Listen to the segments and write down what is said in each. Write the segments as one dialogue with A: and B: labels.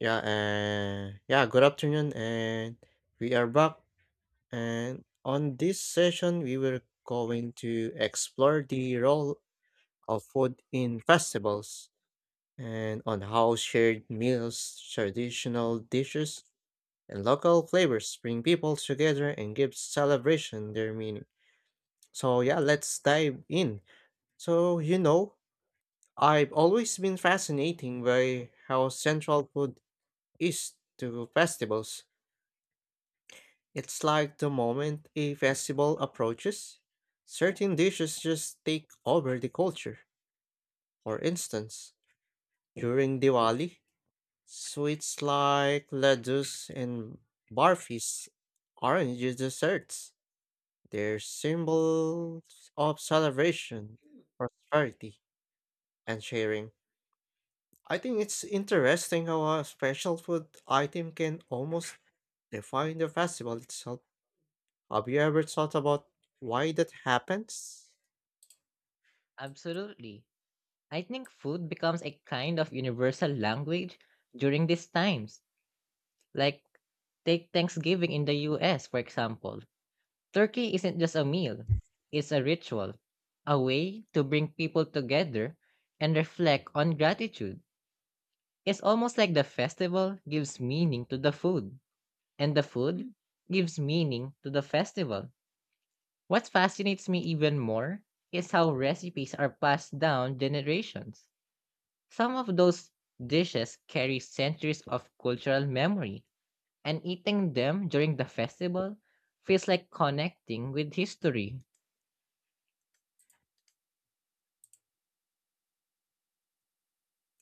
A: Good afternoon, and we are back. And on this session, we were going to explore the role of food in festivals and on how shared meals, traditional dishes, and local flavors bring people together and give celebration their meaning. Let's dive in. So, you know, I've always been fascinating by how central food is to festivals. It's like the moment a festival approaches, certain dishes just take over the culture. For instance, during Diwali, sweets like laddus and barfis aren't just desserts. They're symbols of celebration, prosperity, and sharing. I think it's interesting how a special food item can almost define the festival itself. Have you ever thought about why that happens?
B: Absolutely. I think food becomes a kind of universal language during these times. Like, take Thanksgiving in the US, for example. Turkey isn't just a meal, it's a ritual, a way to bring people together and reflect on gratitude. It's almost like the festival gives meaning to the food, and the food gives meaning to the festival. What fascinates me even more is how recipes are passed down generations. Some of those dishes carry centuries of cultural memory, and eating them during the festival feels like connecting with history.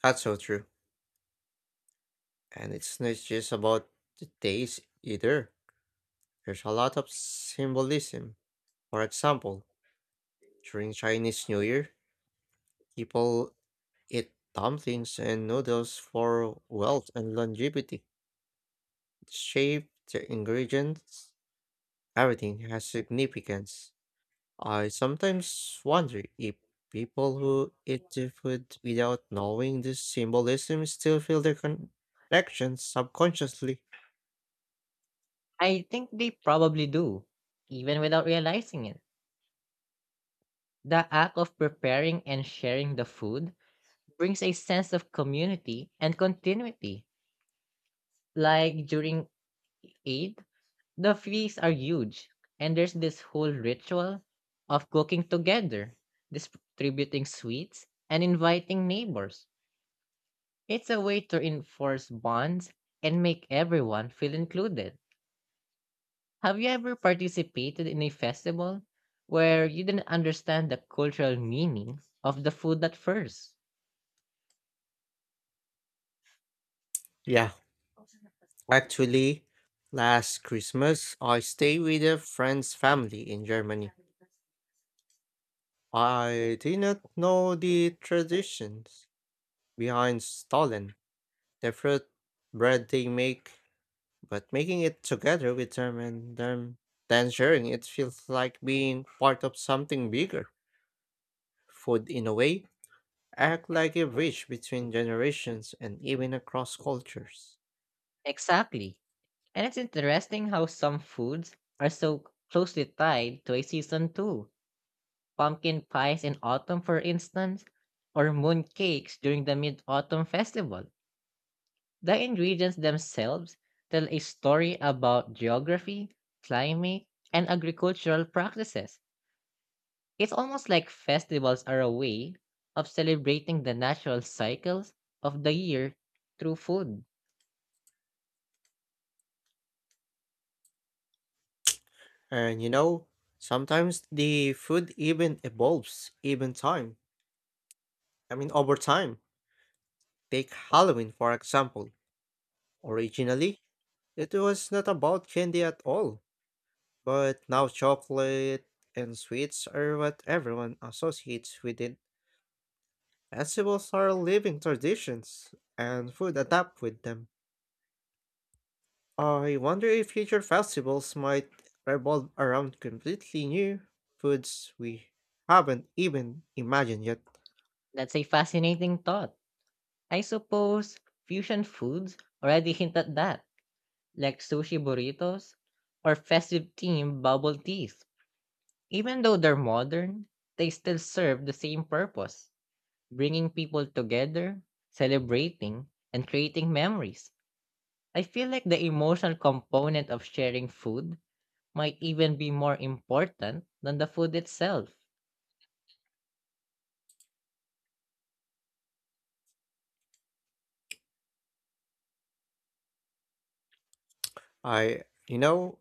A: That's so true. And it's not just about the days either. There's a lot of symbolism. For example, during Chinese New Year, people eat dumplings and noodles for wealth and longevity. The shape, the ingredients, everything has significance. I sometimes wonder if people who eat the food without knowing the symbolism still feel their connections subconsciously.
B: I think they probably do, even without realizing it. The act of preparing and sharing the food brings a sense of community and continuity. Like during Eid, the feasts are huge, and there's this whole ritual of cooking together, distributing sweets, and inviting neighbors. It's a way to enforce bonds and make everyone feel included. Have you ever participated in a festival where you didn't understand the cultural meaning of the food at first?
A: Yeah, actually, last Christmas I stayed with a friend's family in Germany. I did not know the traditions behind Stollen, the fruit bread they make, but making it together with then sharing it feels like being part of something bigger. Food, in a way, act like a bridge between generations and even across cultures.
B: Exactly. And it's interesting how some foods are so closely tied to a season too. Pumpkin pies in autumn, for instance, or moon cakes during the Mid Autumn Festival. The ingredients themselves tell a story about geography, climate, and agricultural practices. It's almost like festivals are a way of celebrating the natural cycles of the year through food.
A: And you know, sometimes the food even evolves, even time. I mean, over time, take Halloween for example. Originally, it was not about candy at all, but now chocolate and sweets are what everyone associates with it. Festivals are living traditions, and food adapt with them. I wonder if future festivals might revolve around completely new foods we haven't even imagined yet.
B: That's a fascinating thought. I suppose fusion foods already hint at that, like sushi burritos or festive themed bubble teas. Even though they're modern, they still serve the same purpose, bringing people together, celebrating, and creating memories. I feel like the emotional component of sharing food might even be more important than the food itself.
A: I, you know,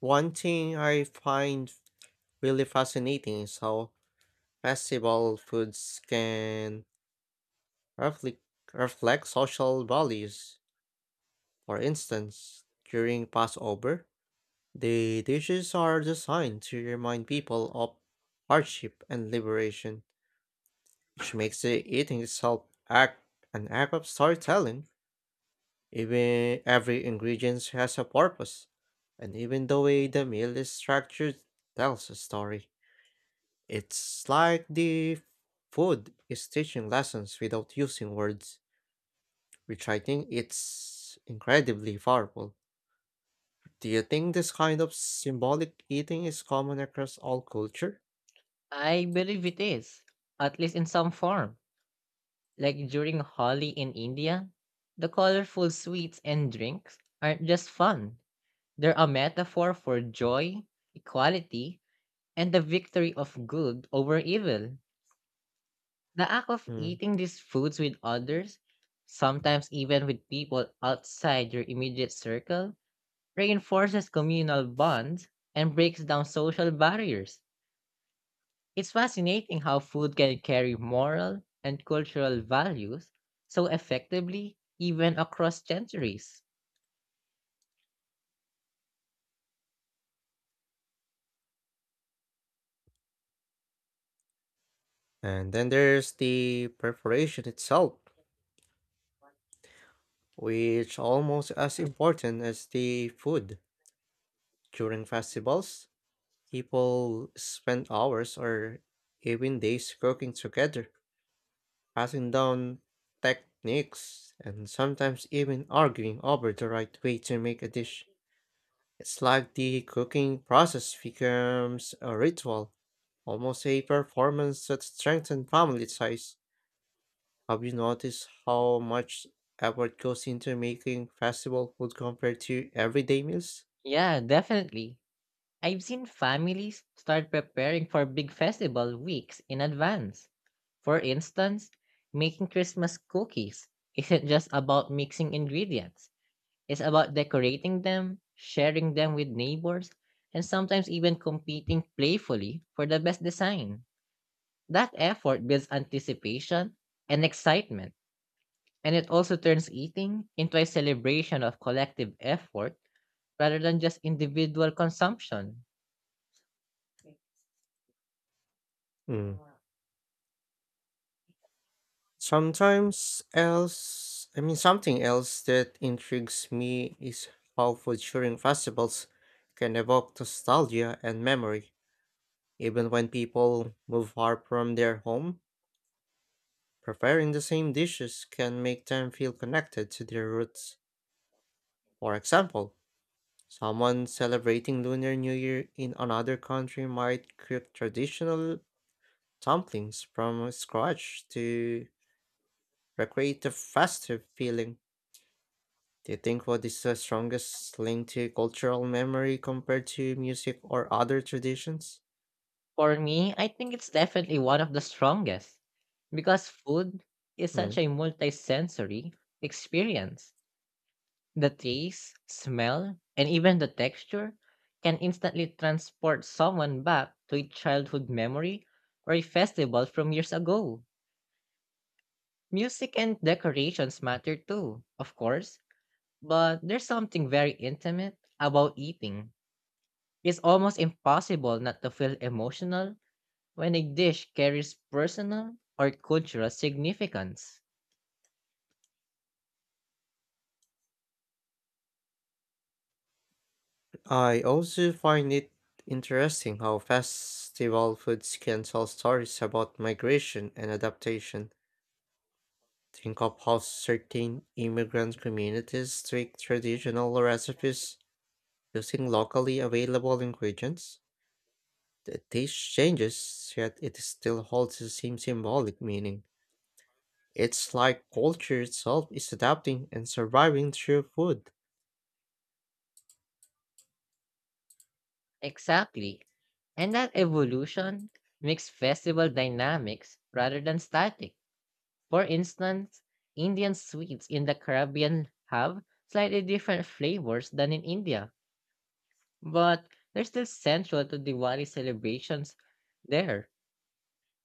A: one thing I find really fascinating is how festival foods can reflect, reflect social values. For instance, during Passover, the dishes are designed to remind people of hardship and liberation, which makes the eating itself act an act of storytelling. Even every ingredient has a purpose, and even the way the meal is structured tells a story. It's like the food is teaching lessons without using words, which I think it's incredibly powerful. Do you think this kind of symbolic eating is common across all culture?
B: I believe it is, at least in some form. Like during Holi in India, the colorful sweets and drinks aren't just fun, they're a metaphor for joy, equality, and the victory of good over evil. The act of
A: Hmm.
B: eating these foods with others, sometimes even with people outside your immediate circle, reinforces communal bonds and breaks down social barriers. It's fascinating how food can carry moral and cultural values so effectively, even across centuries.
A: And then there's the preparation itself, which almost as important as the food. During festivals, people spend hours or even days cooking together, passing down techniques and sometimes even arguing over the right way to make a dish. It's like the cooking process becomes a ritual, almost a performance that strengthens family ties. Have you noticed how much effort goes into making festival food compared to everyday meals?
B: Yeah, definitely. I've seen families start preparing for big festival weeks in advance. For instance, making Christmas cookies isn't just about mixing ingredients, it's about decorating them, sharing them with neighbors, and sometimes even competing playfully for the best design. That effort builds anticipation and excitement, and it also turns eating into a celebration of collective effort rather than just individual consumption.
A: Mm. Sometimes else, I mean, something else that intrigues me is how food during festivals can evoke nostalgia and memory, even when people move far from their home. Preparing the same dishes can make them feel connected to their roots. For example, someone celebrating Lunar New Year in another country might cook traditional dumplings from scratch to recreate the festive feeling. Do you think what is the strongest link to cultural memory compared to music or other traditions?
B: For me, I think it's definitely one of the strongest because food is such
A: Hmm.
B: a multisensory experience. The taste, smell, and even the texture can instantly transport someone back to a childhood memory or a festival from years ago. Music and decorations matter too, of course, but there's something very intimate about eating. It's almost impossible not to feel emotional when a dish carries personal or cultural significance.
A: I also find it interesting how festival foods can tell stories about migration and adaptation. Think of how certain immigrant communities take traditional recipes using locally available ingredients. The taste changes, yet it still holds the same symbolic meaning. It's like culture itself is adapting and surviving through food.
B: Exactly. And that evolution makes festival dynamics rather than static. For instance, Indian sweets in the Caribbean have slightly different flavors than in India, but they're still central to Diwali celebrations there.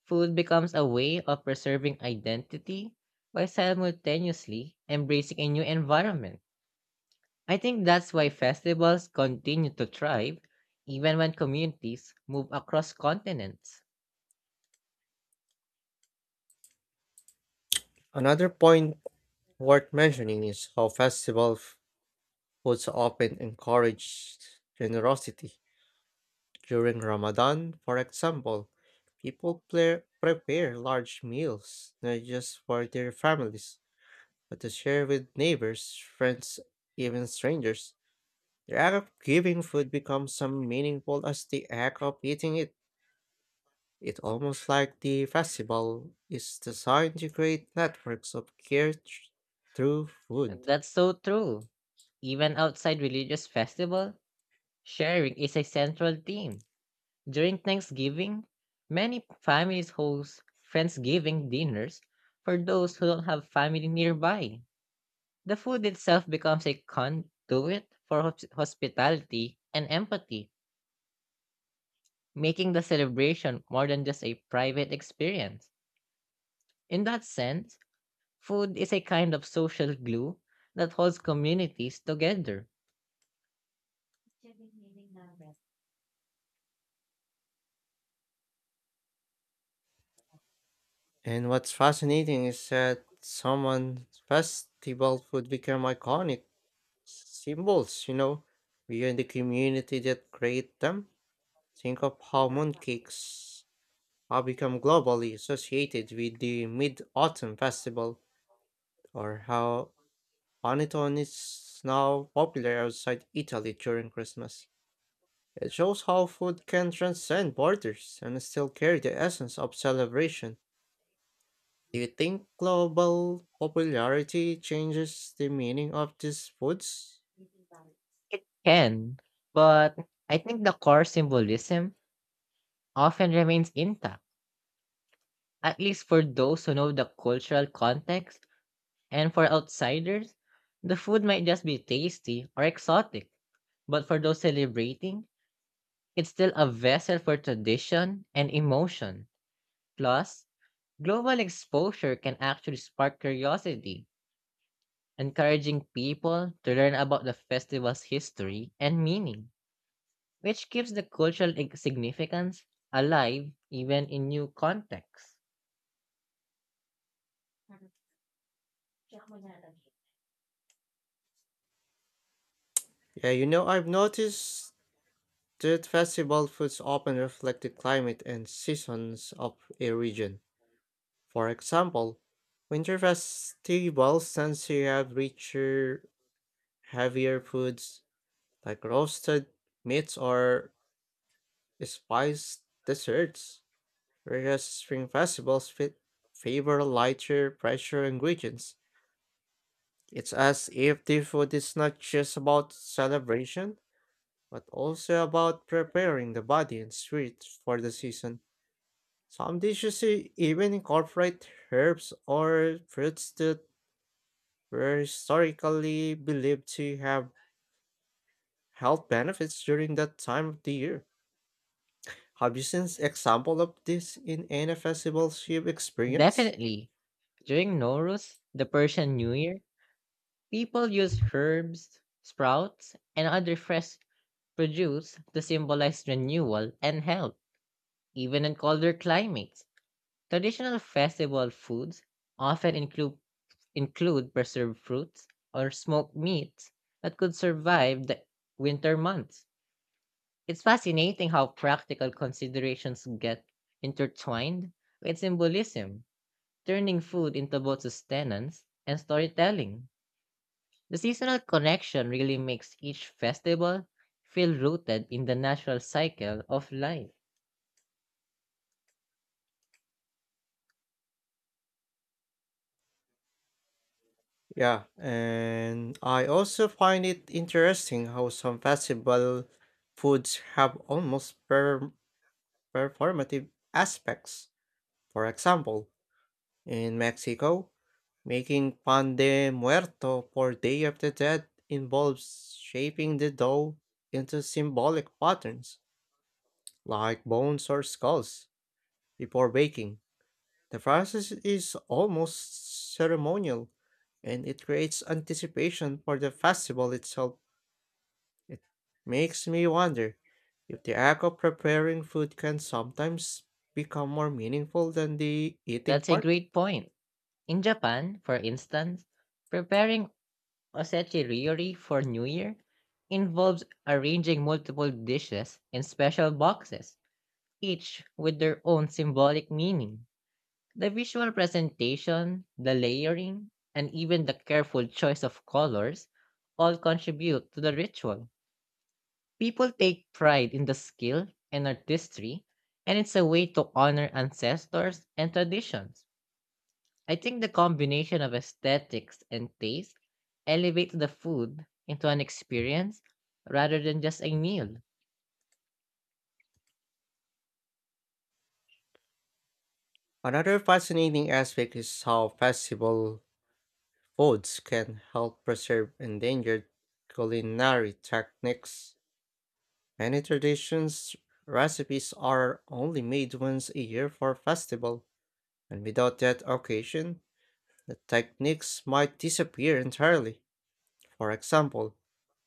B: Food becomes a way of preserving identity while simultaneously embracing a new environment. I think that's why festivals continue to thrive even when communities move across continents.
A: Another point worth mentioning is how festival foods often encourage generosity. During Ramadan, for example, people prepare large meals not just for their families, but to share with neighbors, friends, even strangers. The act of giving food becomes so meaningful as the act of eating it. It's almost like the festival is designed to create networks of care through food.
B: That's so true. Even outside religious festival, sharing is a central theme. During Thanksgiving, many families host Friendsgiving dinners for those who don't have family nearby. The food itself becomes a conduit for hospitality and empathy, making the celebration more than just a private experience. In that sense, food is a kind of social glue that holds communities together.
A: And what's fascinating is that someone's festival food became iconic symbols, you know, we are the community that create them. Think of how mooncakes have become globally associated with the Mid Autumn Festival, or how panettone is now popular outside Italy during Christmas. It shows how food can transcend borders and still carry the essence of celebration. Do you think global popularity changes the meaning of these foods?
B: It can, but I think the core symbolism often remains intact, at least for those who know the cultural context, and for outsiders, the food might just be tasty or exotic. But for those celebrating, it's still a vessel for tradition and emotion. Plus, global exposure can actually spark curiosity encouraging people to learn about the festival's history and meaning, which keeps the cultural significance alive even in new contexts.
A: Yeah, you know, I've noticed street festival foods often reflect the climate and seasons of a region. For example, winter festivals tend to have richer, heavier foods like roasted meats or spiced desserts, whereas spring festivals fit favor lighter, fresher ingredients. It's as if the food is not just about celebration, but also about preparing the body and spirit for the season. Some dishes even incorporate herbs or fruits that were historically believed to have health benefits during that time of the year. Have you seen example of this in any festivals you've experienced?
B: Definitely, during Nowruz, the Persian New Year, people use herbs, sprouts, and other fresh produce to symbolize renewal and health, even in colder climates. Traditional festival foods often include preserved fruits or smoked meats that could survive the winter months. It's fascinating how practical considerations get intertwined with symbolism, turning food into both sustenance and storytelling. The seasonal connection really makes each festival feel rooted in the natural cycle of life.
A: Yeah, and I also find it interesting how some festival foods have almost performative aspects. For example, in Mexico, making pan de muerto for Day of the Dead involves shaping the dough into symbolic patterns, like bones or skulls, before baking. The process is almost ceremonial, and it creates anticipation for the festival itself. It makes me wonder if the act of preparing food can sometimes become more meaningful than the eating
B: That's a
A: part.
B: great point. In Japan, for instance, preparing A cetiriori for New Year involves arranging multiple dishes in special boxes, each with their own symbolic meaning. The visual presentation, the layering, and even the careful choice of colors all contribute to the ritual. People take pride in the skill and artistry, and it's a way to honor ancestors and traditions. I think the combination of aesthetics and taste elevates the food into an experience rather than just a meal.
A: Another fascinating aspect is how festival foods can help preserve endangered culinary techniques. Many traditions recipes are only made once a year for festival, and without that occasion, the techniques might disappear entirely. For example,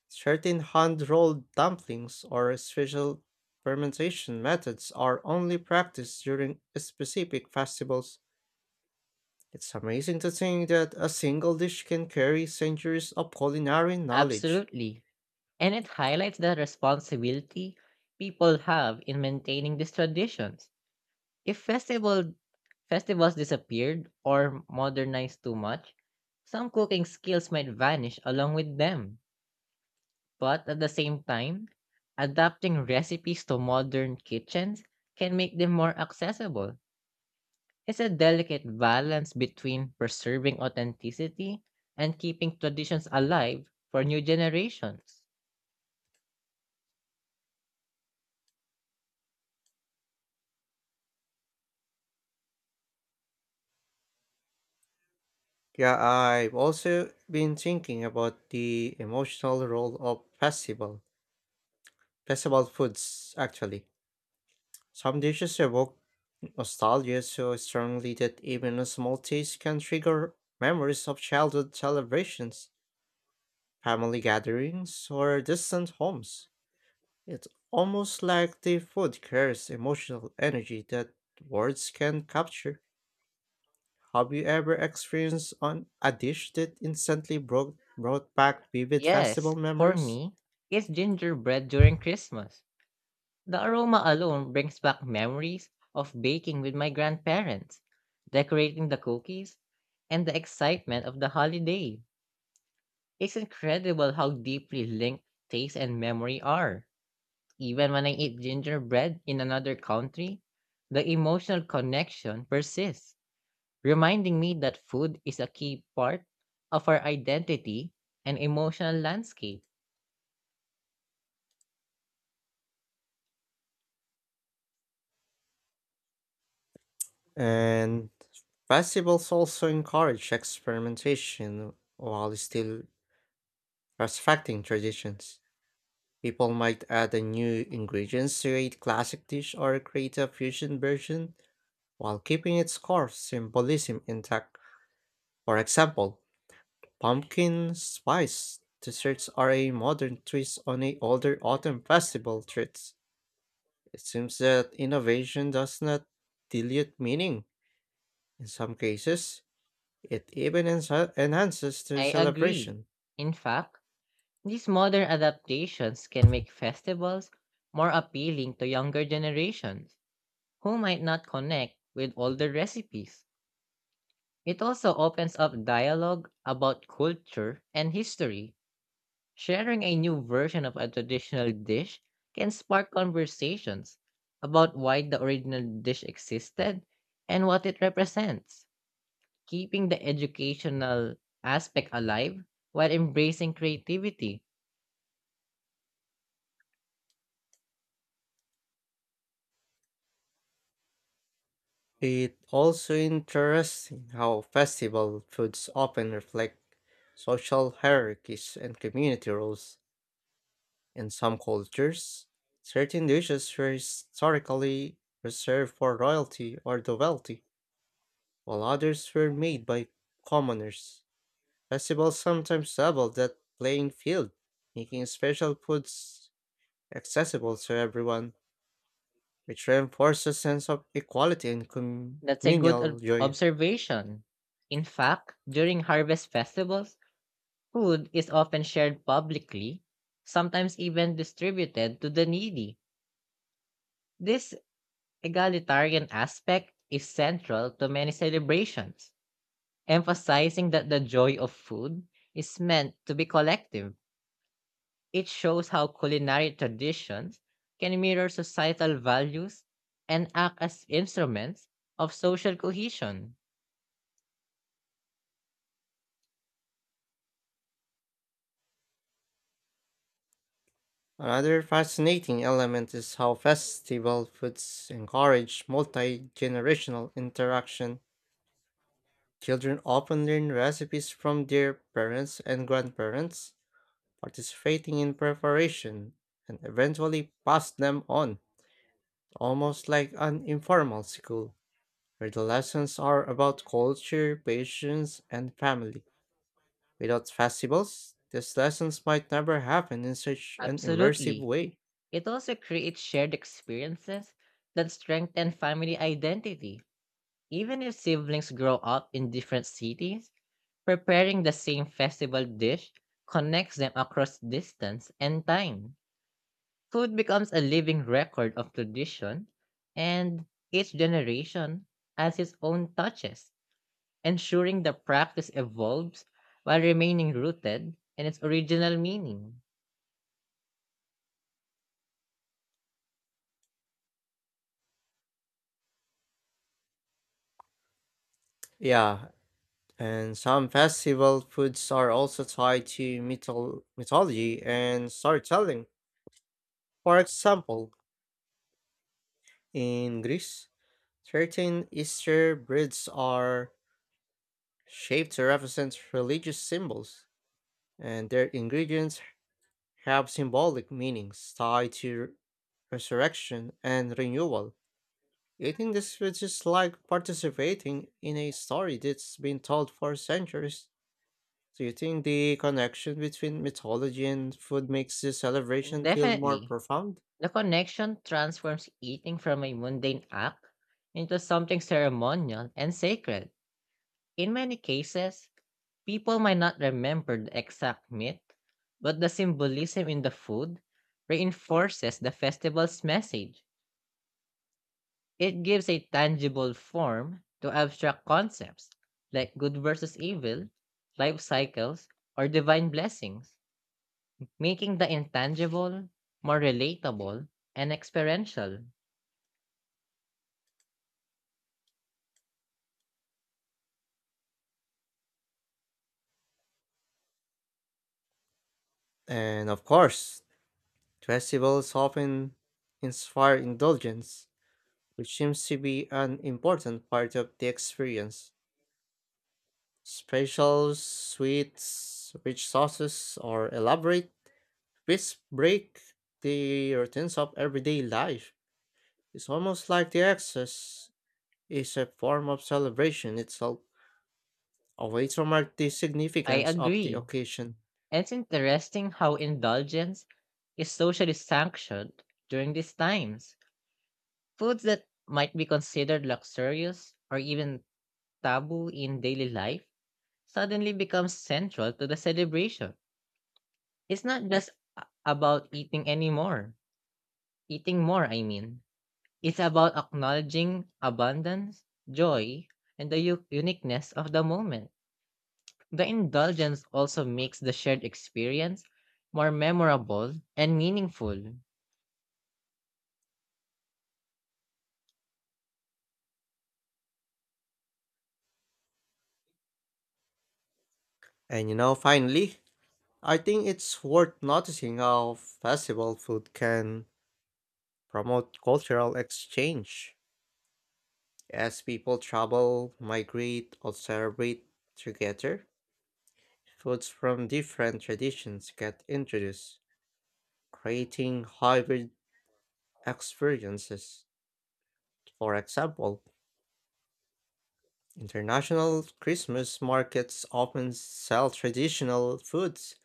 A: certain hand-rolled dumplings or special fermentation methods are only practiced during specific festivals. It's amazing to think that a single dish can carry centuries of culinary knowledge.
B: Absolutely. And it highlights the responsibility people have in maintaining these traditions. If festivals disappeared or modernized too much, some cooking skills might vanish along with them. But at the same time, adapting recipes to modern kitchens can make them more accessible. It's a delicate balance between preserving authenticity and keeping traditions alive for new generations.
A: Yeah, I've also been thinking about the emotional role of festival foods actually. Some dishes evoke nostalgia so strongly that even a small taste can trigger memories of childhood celebrations, family gatherings, or distant homes. It's almost like the food carries emotional energy that words can capture. Have you ever experienced on a dish that instantly brought back vivid
B: Yes,
A: festival
B: for
A: memories?
B: me, it's gingerbread during Christmas. The aroma alone brings back memories of baking with my grandparents, decorating the cookies, and the excitement of the holiday. It's incredible how deeply linked taste and memory are. Even when I eat gingerbread in another country, the emotional connection persists, reminding me that food is a key part of our identity and emotional landscape.
A: And festivals also encourage experimentation while still respecting traditions. People might add a new ingredients to a classic dish or create a fusion version while keeping its core symbolism intact. For example, pumpkin spice desserts are a modern twist on a older autumn festival treats. It seems that innovation does not dilute meaning. In some cases, it even enhances the
B: I agree.
A: celebration.
B: In fact, these modern adaptations can make festivals more appealing to younger generations who might not connect with older recipes. It also opens up dialogue about culture and history. Sharing a new version of a traditional dish can spark conversations about why the original dish existed and what it represents, keeping the educational aspect alive while embracing creativity.
A: It also interesting how festival foods often reflect social hierarchies and community roles. In some cultures, certain dishes were historically reserved for royalty or the wealthy, while others were made by commoners. Festivals sometimes double that playing field, making special foods accessible to everyone, which reinforces a sense of equality and
B: That's a good
A: communal joy.
B: observation. In fact, during harvest festivals, food is often shared publicly, sometimes even distributed to the needy. This egalitarian aspect is central to many celebrations, emphasizing that the joy of food is meant to be collective. It shows how culinary traditions can mirror societal values and act as instruments of social cohesion.
A: Another fascinating element is how festival foods encourage multi generational interaction. Children often learn recipes from their parents and grandparents, participating in preparation and eventually pass them on, almost like an informal school, where the lessons are about culture, patience, and family. Without festivals, these lessons might never happen in such an immersive
B: Absolutely.
A: way.
B: It also creates shared experiences that strengthen family identity. Even if siblings grow up in different cities, preparing the same festival dish connects them across distance and time. Food becomes a living record of tradition, and each generation adds its own touches, ensuring the practice evolves while remaining rooted in its original meaning.
A: Yeah, and some festival foods are also tied to mythology and storytelling. For example, in Greece, certain Easter breads are shaped to represent religious symbols, and their ingredients have symbolic meanings tied to resurrection and renewal. Eating these foods is like participating in a story that's been told for centuries. Do you think the connection between mythology and food makes the
B: And
A: celebration feel more
B: definitely,
A: profound?
B: the connection transforms eating from a mundane act into something ceremonial and sacred. In many cases, people might not remember the exact myth, but the symbolism in the food reinforces the festival's message. It gives a tangible form to abstract concepts like good versus evil, life cycles, or divine blessings, making the intangible more relatable and experiential.
A: And of course, festivals often inspire indulgence, which seems to be an important part of the experience. Special sweets, rich sauces, or elaborate, these break the routines of everyday life. It's almost like the excess is a form of celebration itself, a way to mark the
B: I
A: significance of the
B: agree.
A: occasion.
B: And it's interesting how indulgence is socially sanctioned during these times. Foods that might be considered luxurious or even taboo in daily life suddenly become central to the celebration. It's not just a about eating anymore, eating more, I mean. It's about acknowledging abundance, joy, and the uniqueness of the moment. The indulgence also makes the shared experience more memorable and meaningful.
A: And you know, finally, I think it's worth noticing how festival food can promote cultural exchange. As people travel, migrate, or celebrate together, foods from different traditions get introduced, creating hybrid experiences. For example, international Christmas markets often sell traditional foods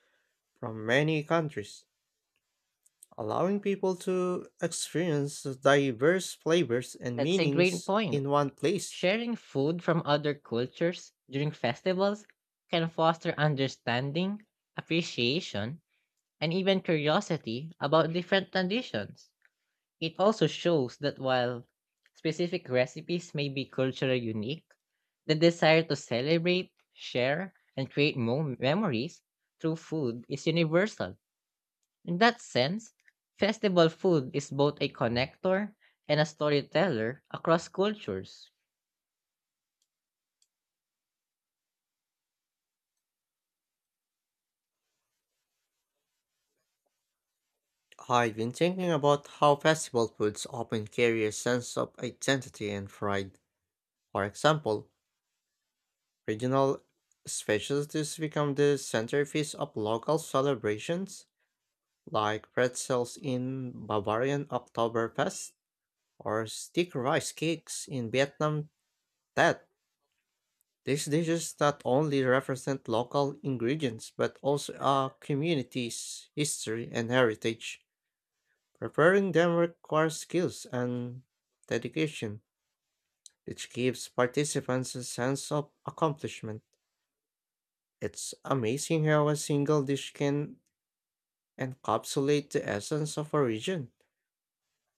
A: from many countries, allowing people to experience diverse flavors and
B: That's a great
A: meanings
B: point.
A: in one place.
B: Sharing food from other cultures during festivals can foster understanding, appreciation, and even curiosity about different traditions. It also shows that while specific recipes may be culturally unique, the desire to celebrate, share, and create memories through food is universal. In that sense, festival food is both a connector and a storyteller across cultures.
A: I've been thinking about how festival foods often carry a sense of identity and pride. For example, regional specialties become the centerpiece of local celebrations, like pretzels in Bavarian Oktoberfest or stick rice cakes in Vietnam Tet. These dishes not only represent local ingredients but also our community's history and heritage. Preparing them requires skills and dedication, which gives participants a sense of accomplishment. It's amazing how a single dish can encapsulate the essence of a region,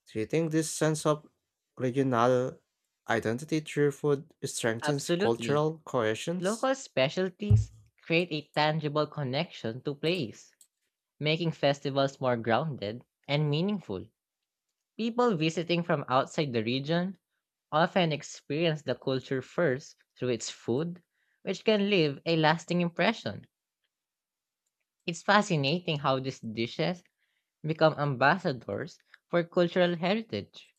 A: treating this sense of regional identity through food strengthens
B: Absolutely.
A: cultural cohesions.
B: Local specialties create a tangible connection to place, making festivals more grounded and meaningful. People visiting from outside the region often experience the culture first through its food, which can leave a lasting impression. It's fascinating how these dishes become ambassadors for cultural heritage.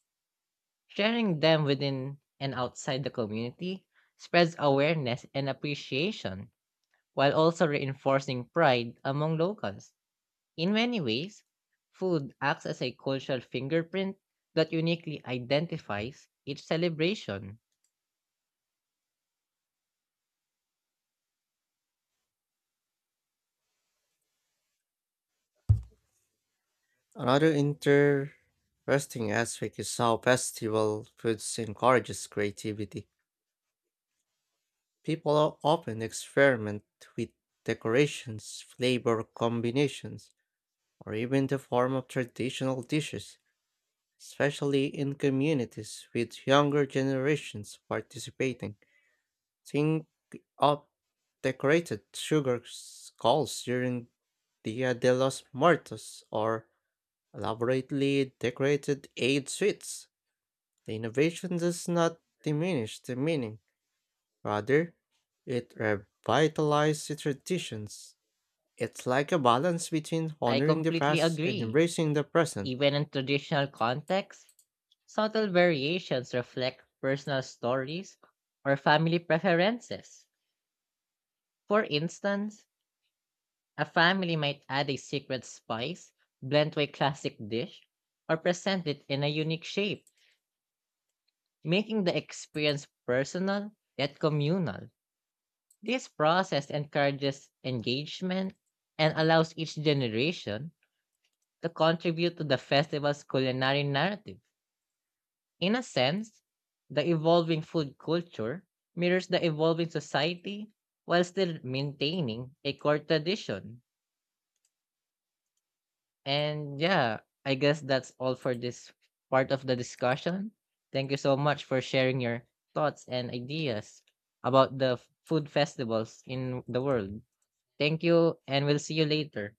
B: Sharing them within and outside the community spreads awareness and appreciation while also reinforcing pride among locals. In many ways, food acts as a cultural fingerprint that uniquely identifies each celebration.
A: Another interesting aspect is how festival foods encourages creativity. People often experiment with decorations, flavor combinations, or even the form of traditional dishes, especially in communities with younger generations participating. Think of decorated sugar skulls during Dia de los Muertos or elaborately decorated aid suites. The innovation does not diminish the meaning, rather, it revitalizes the traditions. It's like a balance between
B: I
A: honoring the
B: completely
A: past and
B: agree.
A: embracing the present.
B: Even in traditional contexts, subtle variations reflect personal stories or family preferences. For instance, a family might add a secret spice, blend to a classic dish, or present it in a unique shape, making the experience personal yet communal. This process encourages engagement and allows each generation to contribute to the festival's culinary narrative. In a sense, the evolving food culture mirrors the evolving society while still maintaining a core tradition. And yeah, I guess that's all for this part of the discussion. Thank you so much for sharing your thoughts and ideas about the food festivals in the world. Thank you, and we'll see you later.